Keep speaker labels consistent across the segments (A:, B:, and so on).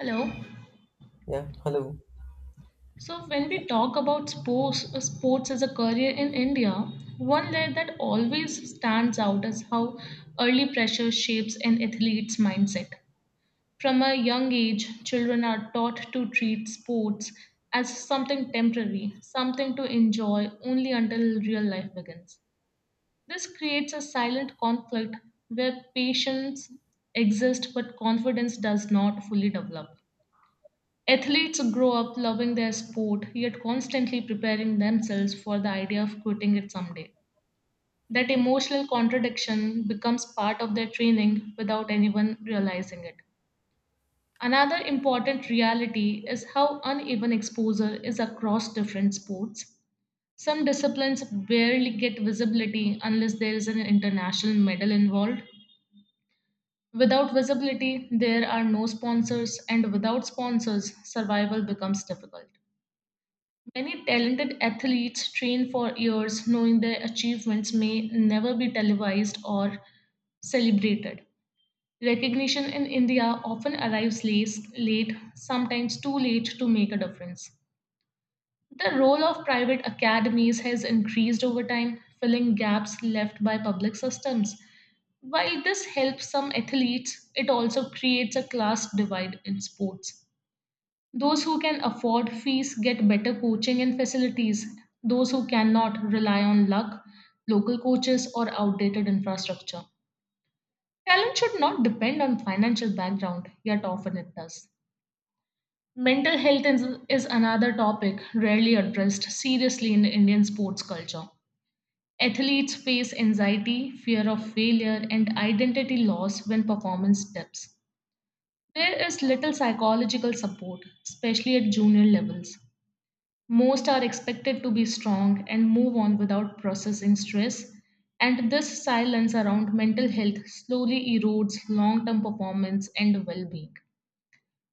A: Hello.
B: Yeah, hello.
A: So when we talk about sports, sports as a career in India, one layer that always stands out is how early pressure shapes an athlete's mindset. From a young age, children are taught to treat sports as something temporary, something to enjoy only until real life begins. This creates a silent conflict where patience exists but confidence does not fully develop. Athletes grow up loving their sport, yet constantly preparing themselves for the idea of quitting it someday. That emotional contradiction becomes part of their training without anyone realizing it. Another important reality is how uneven exposure is across different sports. Some disciplines barely get visibility unless there is an international medal involved. Without visibility, there are no sponsors, and without sponsors, survival becomes difficult. Many talented athletes train for years knowing their achievements may never be televised or celebrated. Recognition in India often arrives late, sometimes too late to make a difference. The role of private academies has increased over time, filling gaps left by public systems. While this helps some athletes, it also creates a class divide in sports. Those who can afford fees get better coaching and facilities. Those who cannot rely on luck, local coaches, or outdated infrastructure. Talent should not depend on financial background, yet often it does. Mental health is another topic rarely addressed seriously in Indian sports culture. Athletes face anxiety, fear of failure, and identity loss when performance dips. There is little psychological support, especially at junior levels. Most are expected to be strong and move on without processing stress, and this silence around mental health slowly erodes long term performance and well being.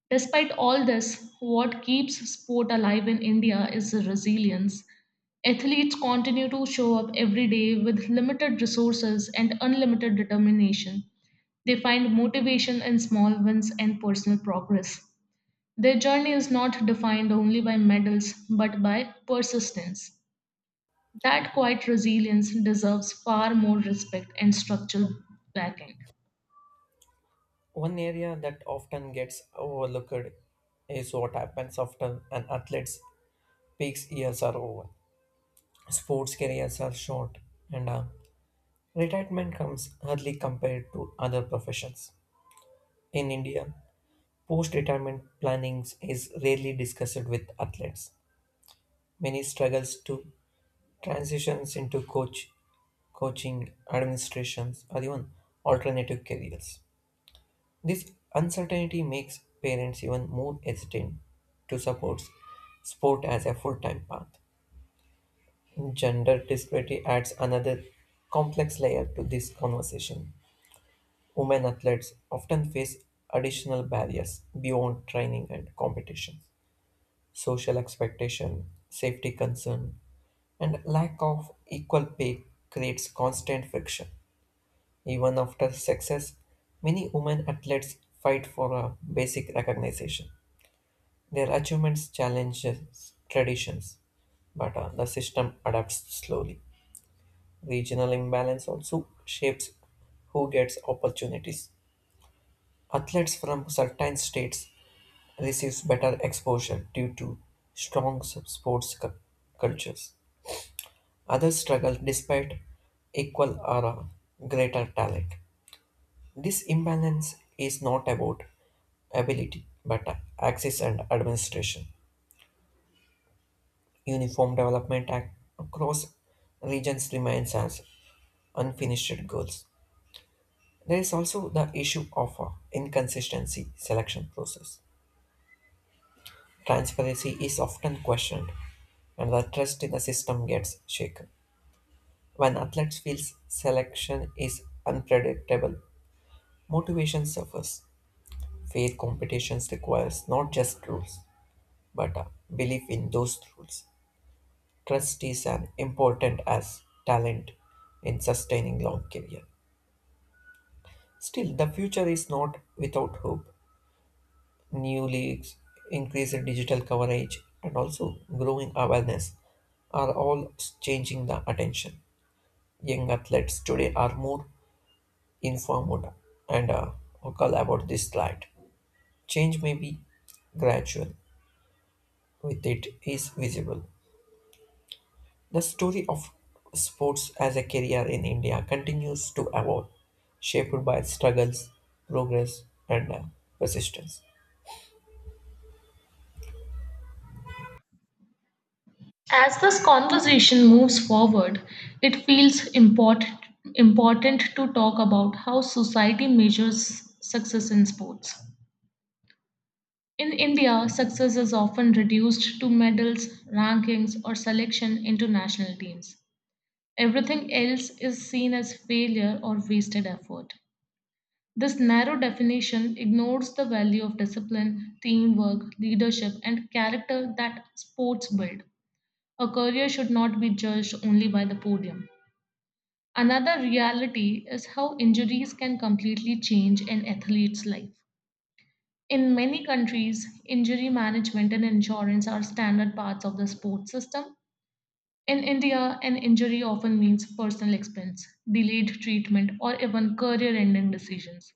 A: Despite all this, what keeps sport alive in India is the resilience. Athletes continue to show up every day with limited resources and unlimited determination. They find motivation in small wins and personal progress. Their journey is not defined only by medals but by persistence. That quiet resilience deserves far more respect and structural backing.
B: One area that often gets overlooked is what happens after an athlete's peak years are over. Sports careers are short, and retirement comes early compared to other professions. In India, post retirement planning is rarely discussed with athletes. Many struggles to transitions into coaching, administrations, or even alternative careers. This uncertainty makes parents even more hesitant to support sport as a full time path. Gender disparity adds another complex layer to this conversation. Women athletes often face additional barriers beyond training and competition. Social expectation, safety concern, and lack of equal pay creates constant friction. Even after success, many women athletes fight for a basic recognition. Their achievements challenge traditions, but the system adapts slowly. Regional imbalance also shapes who gets opportunities. Athletes from certain states receives better exposure due to sports cultures. Others struggle despite equal or greater talent. This imbalance is not about ability but access and administration. Uniform development across regions remains as unfinished goals. There is also the issue of inconsistency selection process. Transparency is often questioned and the trust in the system gets shaken. When athletes feel selection is unpredictable, motivation suffers. Fair competitions requires not just rules, but a belief in those rules. Trust is as important as talent in sustaining long career. Still, the future is not without hope. New leagues, increased digital coverage, and also growing awareness are all changing the attention. Young athletes today are more informed and vocal about this light. Change may be gradual, with it is visible. The story of sports as a career in India continues to evolve, shaped by struggles, progress, and persistence.
A: As this conversation moves forward, it feels important to talk about how society measures success in sports. In India, success is often reduced to medals, rankings, or selection into national teams. Everything else is seen as failure or wasted effort. This narrow definition ignores the value of discipline, teamwork, leadership, and character that sports build. A career should not be judged only by the podium. Another reality is how injuries can completely change an athlete's life. In many countries, injury management and insurance are standard parts of the sports system. In India, an injury often means personal expense, delayed treatment, or even career ending decisions.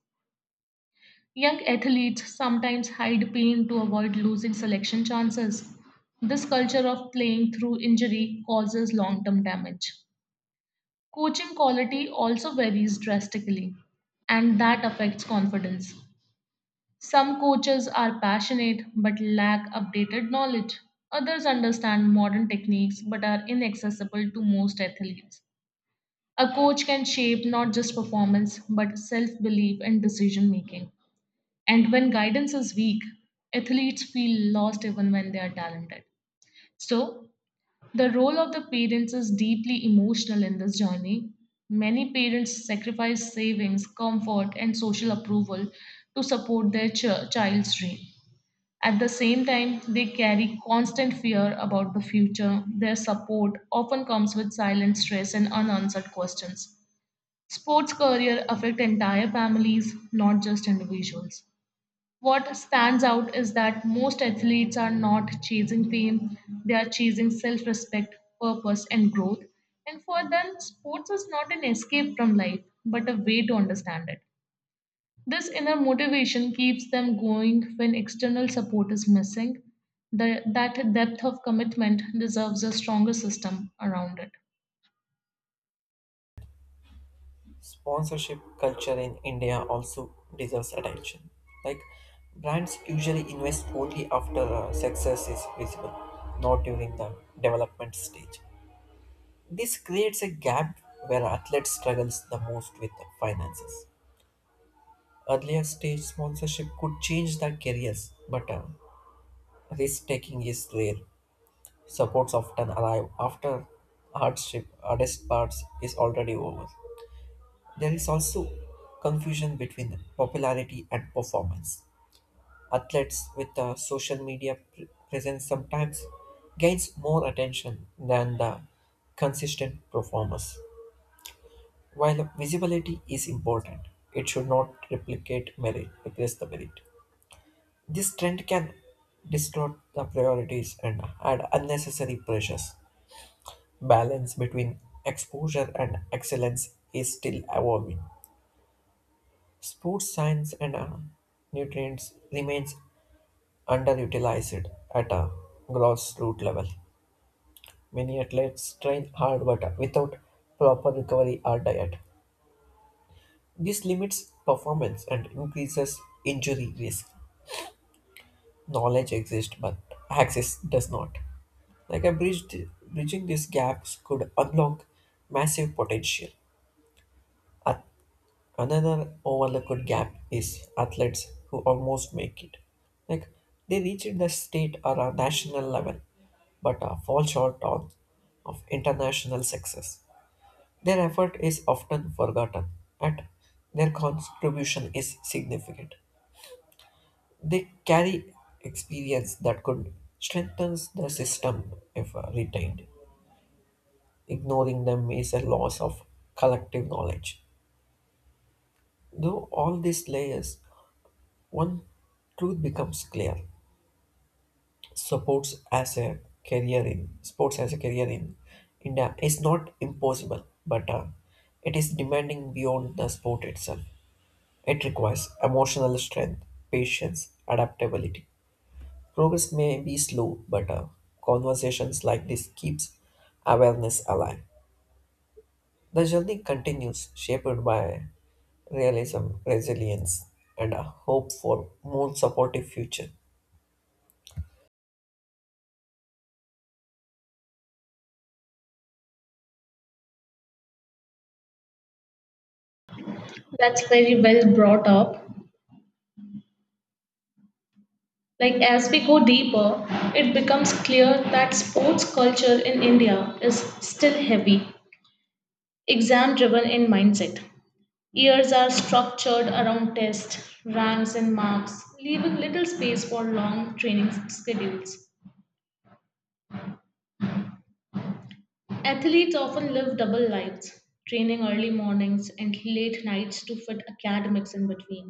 A: Young athletes sometimes hide pain to avoid losing selection chances. This culture of playing through injury causes long term damage. Coaching quality also varies drastically, and that affects confidence. Some coaches are passionate but lack updated knowledge. Others understand modern techniques but are inaccessible to most athletes. A coach can shape not just performance but self belief and decision making. And when guidance is weak, athletes feel lost even when they are talented. So, the role of the parents is deeply emotional in this journey. Many parents sacrifice savings, comfort, and social approval to support their child's dream. At the same time, they carry constant fear about the future. Their support often comes with silent stress and unanswered questions. Sports career affect entire families, not just individuals. What stands out is that most athletes are not chasing fame, they are chasing self respect, purpose, and growth. And for them, sports is not an escape from life, but a way to understand it. This inner motivation keeps them going when external support is missing. That depth of commitment deserves a stronger system around it.
B: Sponsorship culture in India also deserves attention. Like brands usually invest only after success is visible, not during the development stage. This creates a gap where athletes struggles the most with finances. Earlier stage sponsorship could change their careers, but risk taking is rare. Supports often arrive after hardship, hardest parts is already over. There is also confusion between popularity and performance. Athletes with a social media presence sometimes gains more attention than the consistent performers. While visibility is important, it should not replace the merit. This trend can distort the priorities and add unnecessary pressures. Balance between exposure and excellence is still evolving. Sports science and nutrients remains underutilized at a grassroots level. Many athletes train hard but without proper recovery or diet. This limits performance and increases injury risk. Knowledge exists but access does not. Like a bridge, Bridging these gaps could unlock massive potential. A Another overlooked gap is athletes who almost make it. Like they reach the state or a national level, but fall short on of international success. Their effort is often forgotten, and their contribution is significant. They carry experience that could strengthen the system if retained. Ignoring them is a loss of collective knowledge. Though all these layers, one truth becomes clear: supports as a career in sports as a career in India is not impossible, but it is demanding beyond the sport itself. It requires emotional strength, patience, adaptability. Progress may be slow, but conversations like this keeps awareness alive. The journey continues, shaped by realism, resilience, and a hope for more supportive future.
A: That's very well brought up. Like as we go deeper, it becomes clear that sports culture in India is still heavy, exam driven in mindset. Years are structured around tests, ranks, and marks, leaving little space for long training schedules. Athletes often live double lives, training early mornings and late nights to fit academics in between.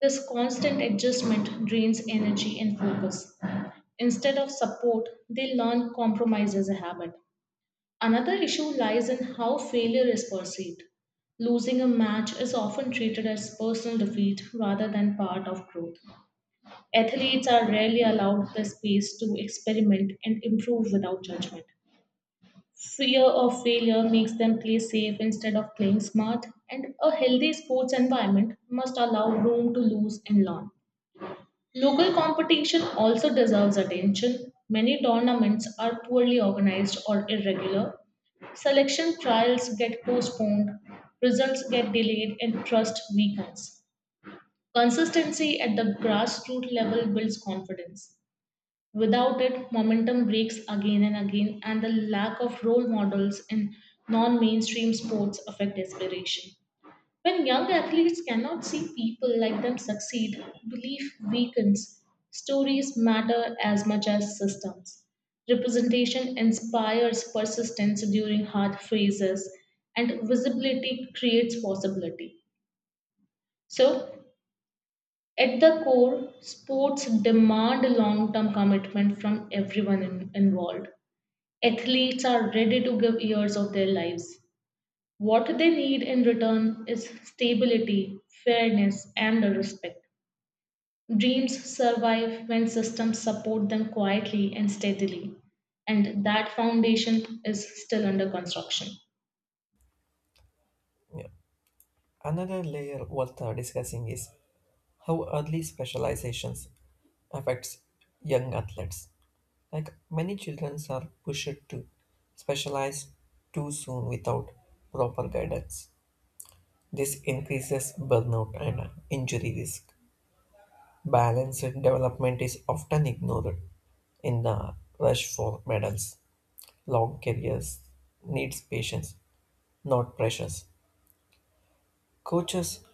A: This constant adjustment drains energy and focus. Instead of support, they learn compromise as a habit. Another issue lies in how failure is perceived. Losing a match is often treated as personal defeat rather than part of growth. Athletes are rarely allowed the space to experiment and improve without judgment. Fear of failure makes them play safe instead of playing smart, and a healthy sports environment must allow room to lose and learn. Local competition also deserves attention. Many tournaments are poorly organized or irregular. Selection trials get postponed, results get delayed, and trust weakens. Consistency at the grassroots level builds confidence. Without it, momentum breaks again and again, and the lack of role models in non mainstream sports affect aspiration. When young athletes cannot see people like them succeed, belief weakens. Stories matter as much as systems. Representation inspires persistence during hard phases, and visibility creates possibility. So, at the core, sports demand long term commitment from everyone involved. Athletes are ready to give years of their lives what they need in return is stability, fairness, and respect. Dreams survive when systems support them quietly and steadily, and that foundation is still under construction.
B: Yeah. Another layer worth discussing is how early specializations affects young athletes. Like many children are pushed to specialize too soon without proper guidance. This increases burnout and injury risk. Balanced development is often ignored in the rush for medals. Long careers needs patience, not pressures. Coaches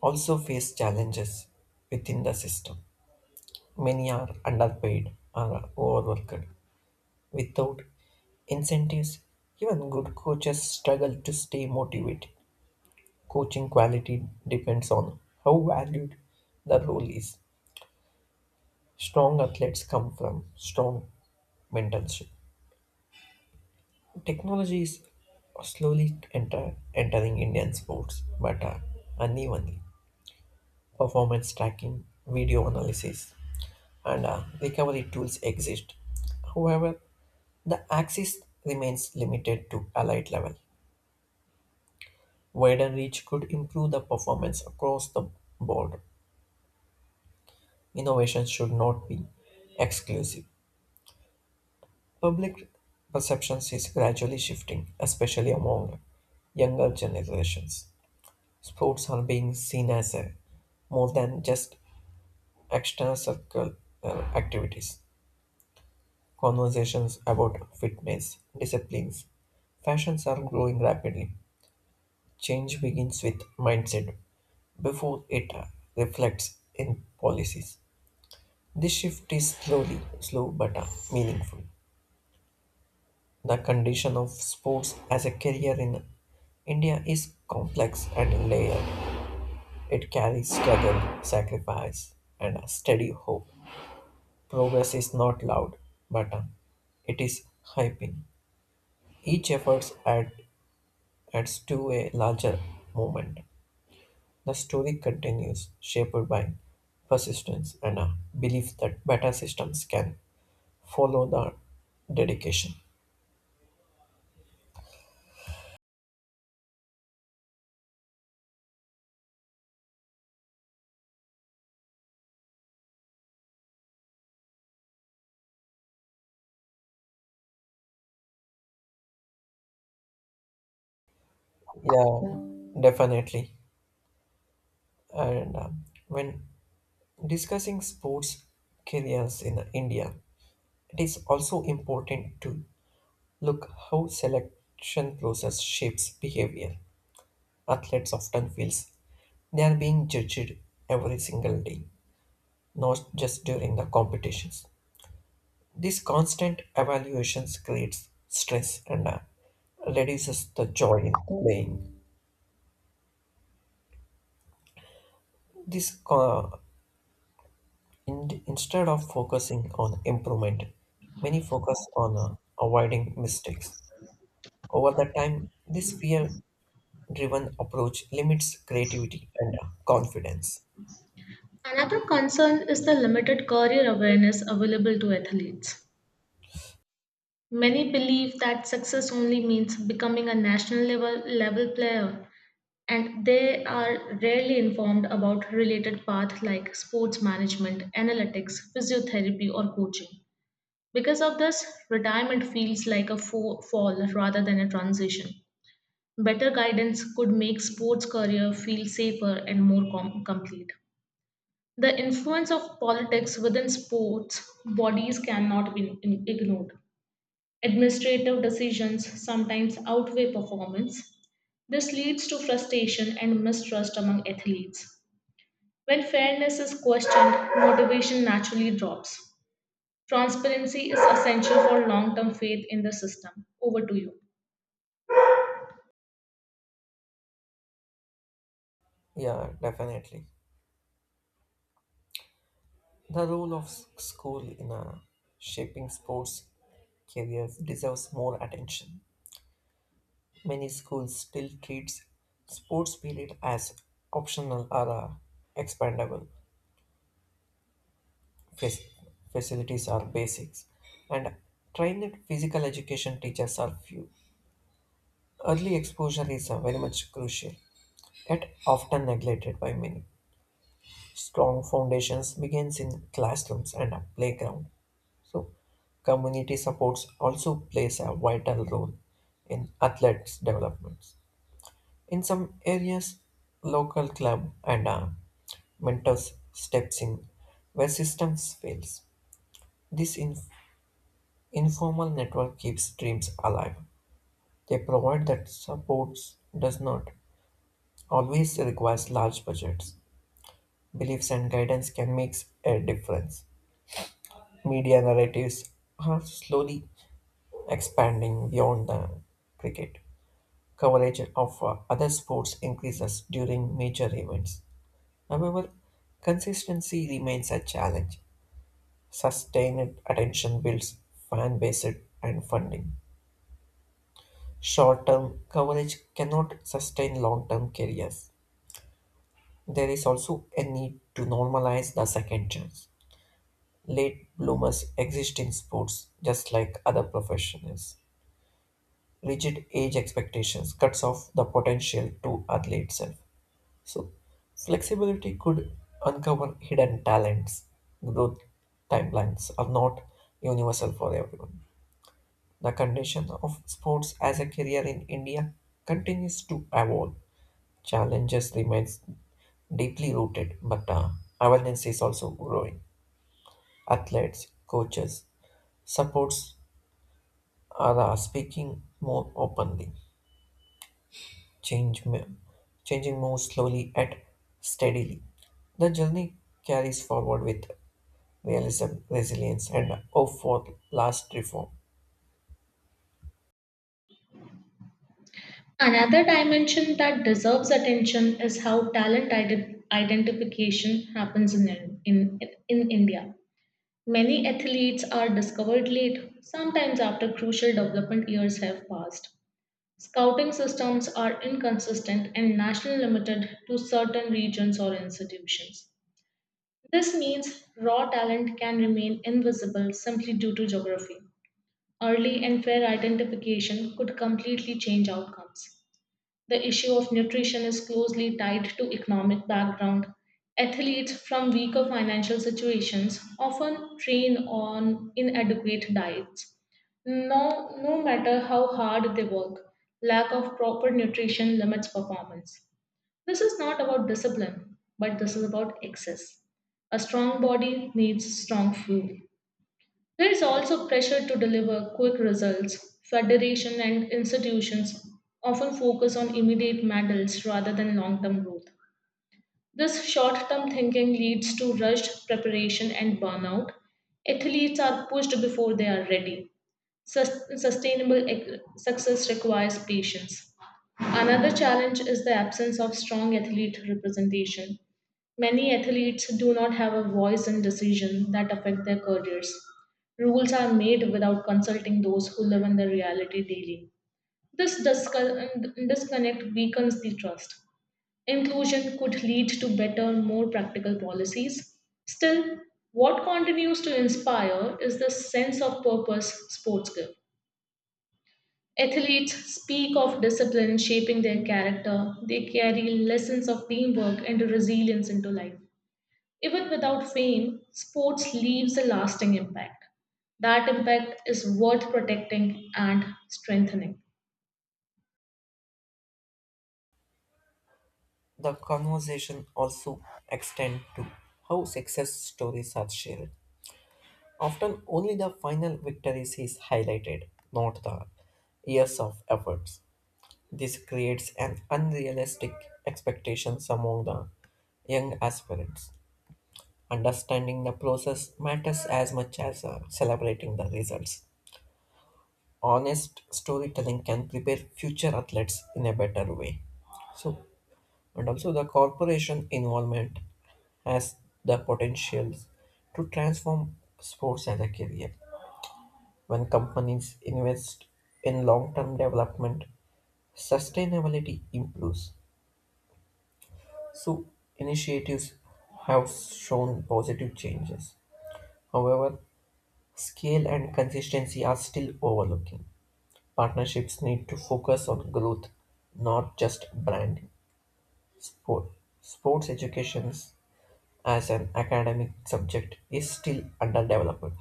B: also face challenges within the system. Many are underpaid or overworked. Without incentives, even good coaches struggle to stay motivated. Coaching quality depends on how valued the role is. Strong athletes come from strong mentorship. Technology is entering Indian sports, but unevenly. Performance tracking, video analysis, and recovery tools exist. However, the access remains limited to elite level. Wider reach could improve the performance across the board. Innovation should not be exclusive. Public perceptions is gradually shifting, especially among younger generations. Sports are being seen as a more than just external circle activities. Conversations about fitness, disciplines, fashions are growing rapidly. Change begins with mindset before it reflects in policies. This shift is slow but meaningful. The condition of sports as a career in India is complex and layered. It carries struggle, sacrifice, and a steady hope. Progress is not loud, but it is hyping. Each adds to a larger movement. The story continues, shaped by persistence and a belief that better systems can follow the dedication. Yeah, definitely. And when discussing sports careers in India, it is also important to look how selection process shapes behavior. Athletes often feels they are being judged every single day, not just during the competitions. This constant evaluations creates stress and reduces the joy in playing. This uh, Instead of focusing on improvement, many focus on avoiding mistakes. Over the time, this fear-driven approach limits creativity and confidence.
A: Another concern is the limited career awareness available to athletes. Many believe that success only means becoming a national level player and they are rarely informed about related paths like sports management, analytics, physiotherapy, or coaching. Because of this, retirement feels like a fall rather than a transition. Better guidance could make sports career feel safer and more complete. The influence of politics within sports bodies cannot be ignored. Administrative decisions sometimes outweigh performance. This leads to frustration and mistrust among athletes. When fairness is questioned, motivation naturally drops. Transparency is essential for long term faith in the system. Over to you.
B: Yeah, definitely. The role of school in shaping sports careers deserves more attention. Many schools still treats sports period as optional or expandable. Fac- facilities are basics, and trained physical education teachers are few. Early exposure is very much crucial, yet often neglected by many. Strong foundations begins in classrooms and a playground. So, community supports also plays a vital role in athletes' developments. In some areas, local club and mentors steps in where systems fails. This in- Informal network keeps dreams alive. They provide that supports does not always requires large budgets. Beliefs and guidance can make a difference. Media narratives are slowly expanding beyond the cricket. Coverage of other sports increases during major events. However, consistency remains a challenge. Sustained attention builds fan base and funding. Short-term coverage cannot sustain long-term careers. There is also a need to normalize the second chance. Late bloomers exist in sports just like other professionals. Rigid age expectations cuts off the potential to early itself. So flexibility could uncover hidden talents. Growth timelines are not universal for everyone. The condition of sports as a career in India continues to evolve. Challenges remains deeply rooted, but awareness is also growing. Athletes, coaches, supports are speaking more openly, change, mo- changing more slowly and steadily. The journey carries forward with realism, resilience, and hope for last reform.
A: Another dimension that deserves attention is how talent identification happens in India. Many athletes are discovered late, sometimes after crucial development years have passed. Scouting systems are inconsistent and national limited to certain regions or institutions. This means raw talent can remain invisible simply due to geography. Early and fair identification could completely change outcomes. The issue of nutrition is closely tied to economic background. Athletes from weaker financial situations often train on inadequate diets. No matter how hard they work, lack of proper nutrition limits performance. This is not about discipline, but this is about excess. A strong body needs strong fuel. There is also pressure to deliver quick results. Federation and institutions often focus on immediate medals rather than long term growth. This short term thinking leads to rushed preparation and burnout. Athletes are pushed before they are ready. Sustainable success requires patience. Another challenge is the absence of strong athlete representation. Many athletes do not have a voice in decisions that affect their careers. Rules are made without consulting those who live in the reality daily. This disconnect weakens the trust. Inclusion could lead to better, more practical policies. Still, what continues to inspire is the sense of purpose sports give. Athletes speak of discipline shaping their character. They carry lessons of teamwork and resilience into life. Even without fame, sports leaves a lasting impact. That impact is worth protecting and strengthening.
B: The conversation also extend to how success stories are shared. Often only the final victories is highlighted, not the years of efforts. This creates an unrealistic expectations among the young aspirants. Understanding the process matters as much as celebrating the results. Honest storytelling can prepare future athletes in a better way. So, and also the corporation involvement has the potential to transform sports as a career. When companies invest in long-term development, sustainability improves. So initiatives have shown positive changes. However, scale and consistency are still overlooking. Partnerships need to focus on growth, not just branding. Sport, Sports education as an academic subject is still underdeveloped.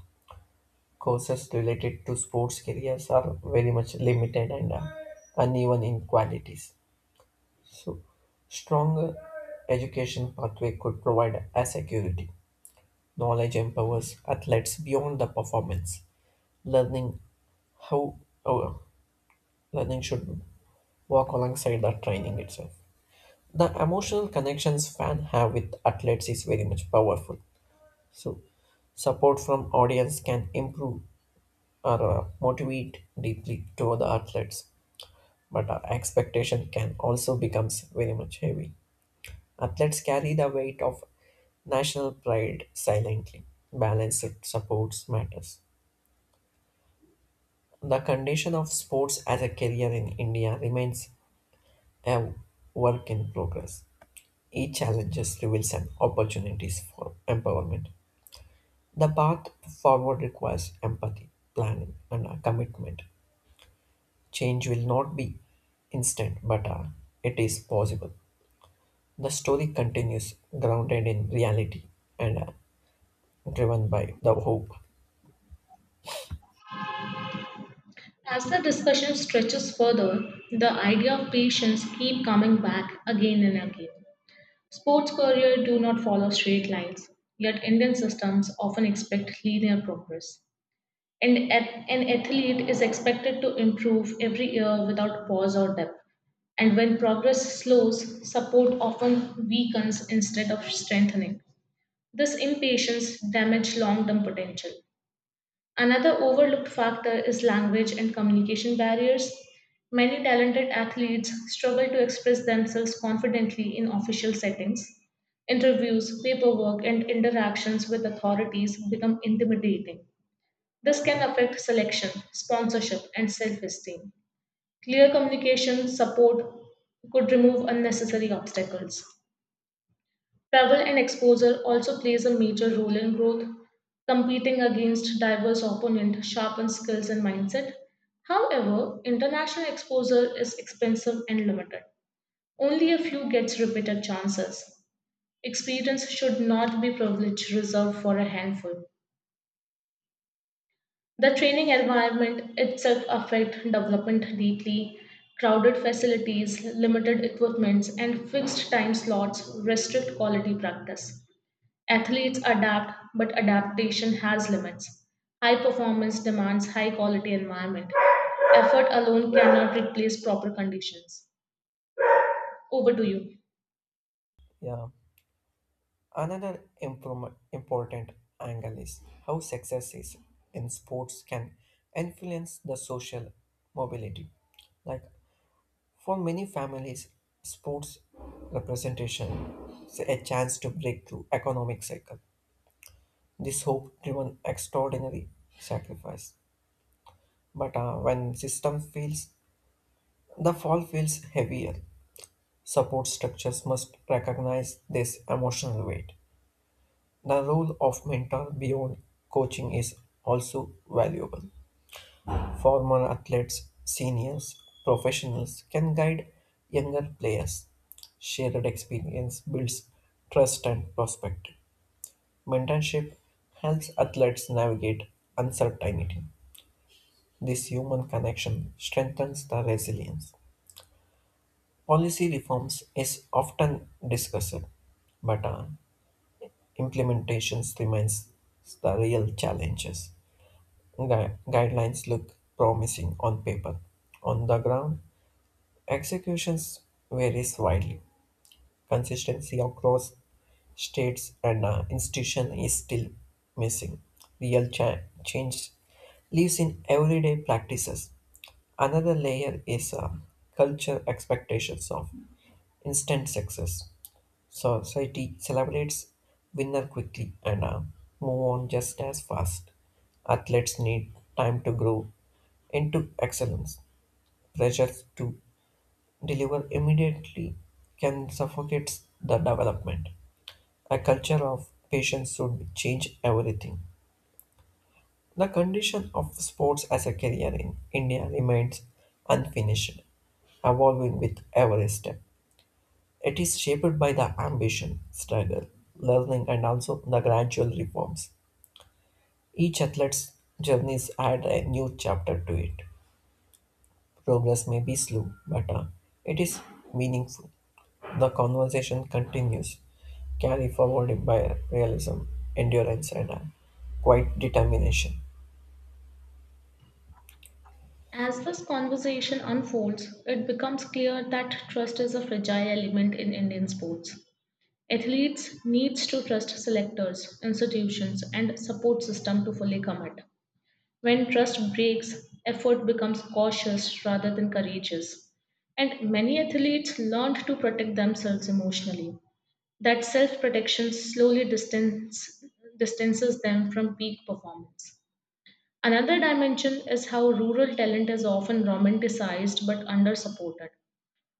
B: Courses related to sports careers are very much limited and uneven in qualities. So, stronger education pathway could provide a security. Knowledge empowers athletes beyond the performance. Learning how oh, Learning should walk alongside the training itself. The emotional connections fans have with athletes is very much powerful. So, support from audience can improve or motivate deeply toward the athletes, but our expectation can also becomes very much heavy. Athletes carry the weight of national pride silently. Balanced supports matters. The condition of sports as a career in India remains a work in progress. Each challenges reveals an opportunities for empowerment. The path forward requires empathy, planning, and a commitment. Change will not be instant, but it is possible. The story continues grounded in reality and driven by the hope.
A: As the discussion stretches further, the idea of patience keep coming back again and again. Sports career do not follow straight lines, yet Indian systems often expect linear progress. And an athlete is expected to improve every year without pause or depth. And when progress slows, support often weakens instead of strengthening. This impatience damages long term potential. Another overlooked factor is language and communication barriers. Many talented athletes struggle to express themselves confidently in official settings. Interviews, paperwork, and interactions with authorities become intimidating. This can affect selection, sponsorship, and self esteem. Clear communication support could remove unnecessary obstacles. Travel and exposure also plays a major role in growth. Competing against diverse opponents sharpens skills and mindset. However, international exposure is expensive and limited. Only a few gets repeated chances. Experience should not be privilege reserved for a handful. The training environment itself affect development deeply. Crowded facilities, limited equipments, and fixed time slots restrict quality practice. Athletes adapt, but adaptation has limits. High performance demands high quality environment. Effort alone cannot replace proper conditions. Over to you.
B: Yeah. Another important angle is how success is in sports can influence the social mobility. Like for many families, sports representation is a chance to break through economic cycle. This hope driven extraordinary sacrifice. But when system feels, the fall feels heavier. Support structures must recognize this emotional weight. The role of mentor beyond coaching is also valuable. Former athletes, seniors, professionals can guide younger players. Shared experience builds trust and perspective. Mentorship helps athletes navigate uncertainty. This human connection strengthens the resilience. Policy reforms is often discussed, but implementations remains the real challenges. Guidelines look promising on paper. On the ground, executions varies widely. Consistency across states and institution is still missing. Change lives in everyday practices. Another layer is culture expectations of instant success. Society celebrates winner quickly and move on just as fast. Athletes need time to grow into excellence. Pressure to deliver immediately can suffocate the development. A culture of patience should change everything. The condition of sports as a career in India remains unfinished, evolving with every step. It is shaped by the ambition, struggle, learning, and also the gradual reforms. Each athlete's journeys add a new chapter to it. Progress may be slow, but it is meaningful. The conversation continues, carried forward by realism, endurance, and quiet determination.
A: As this conversation unfolds, it becomes clear that trust is a fragile element in Indian sports. Athletes needs to trust selectors, institutions, and support system to fully commit. When trust breaks, effort becomes cautious rather than courageous. And many athletes learned to protect themselves emotionally. That self-protection slowly distances them from peak performance. Another dimension is how rural talent is often romanticized but under-supported.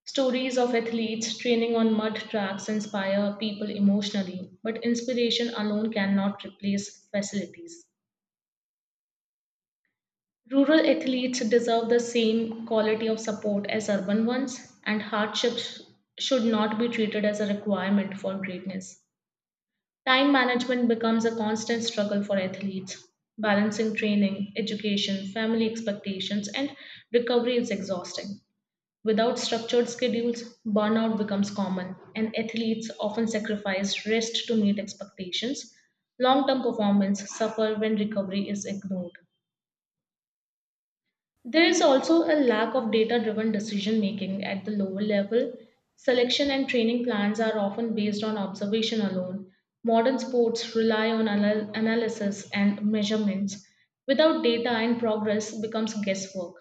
A: Stories of athletes training on mud tracks inspire people emotionally, but inspiration alone cannot replace facilities. Rural athletes deserve the same quality of support as urban ones, and hardships should not be treated as a requirement for greatness. Time management becomes a constant struggle for athletes. Balancing training, education, family expectations, and recovery is exhausting. Without structured schedules, burnout becomes common, and athletes often sacrifice rest to meet expectations. Long term performance suffers when recovery is ignored. There is also a lack of data driven decision making at the lower level. Selection and training plans are often based on observation alone. Modern sports rely on analysis and measurements. Without data and progress becomes guesswork.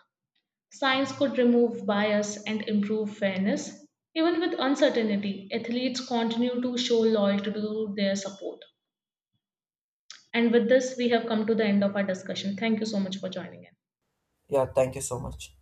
A: Science could remove bias and improve fairness. Even with uncertainty, athletes continue to show loyalty to their support. And with this, we have come to the end of our discussion. Thank you so much for joining in.
B: Yeah, thank you so much.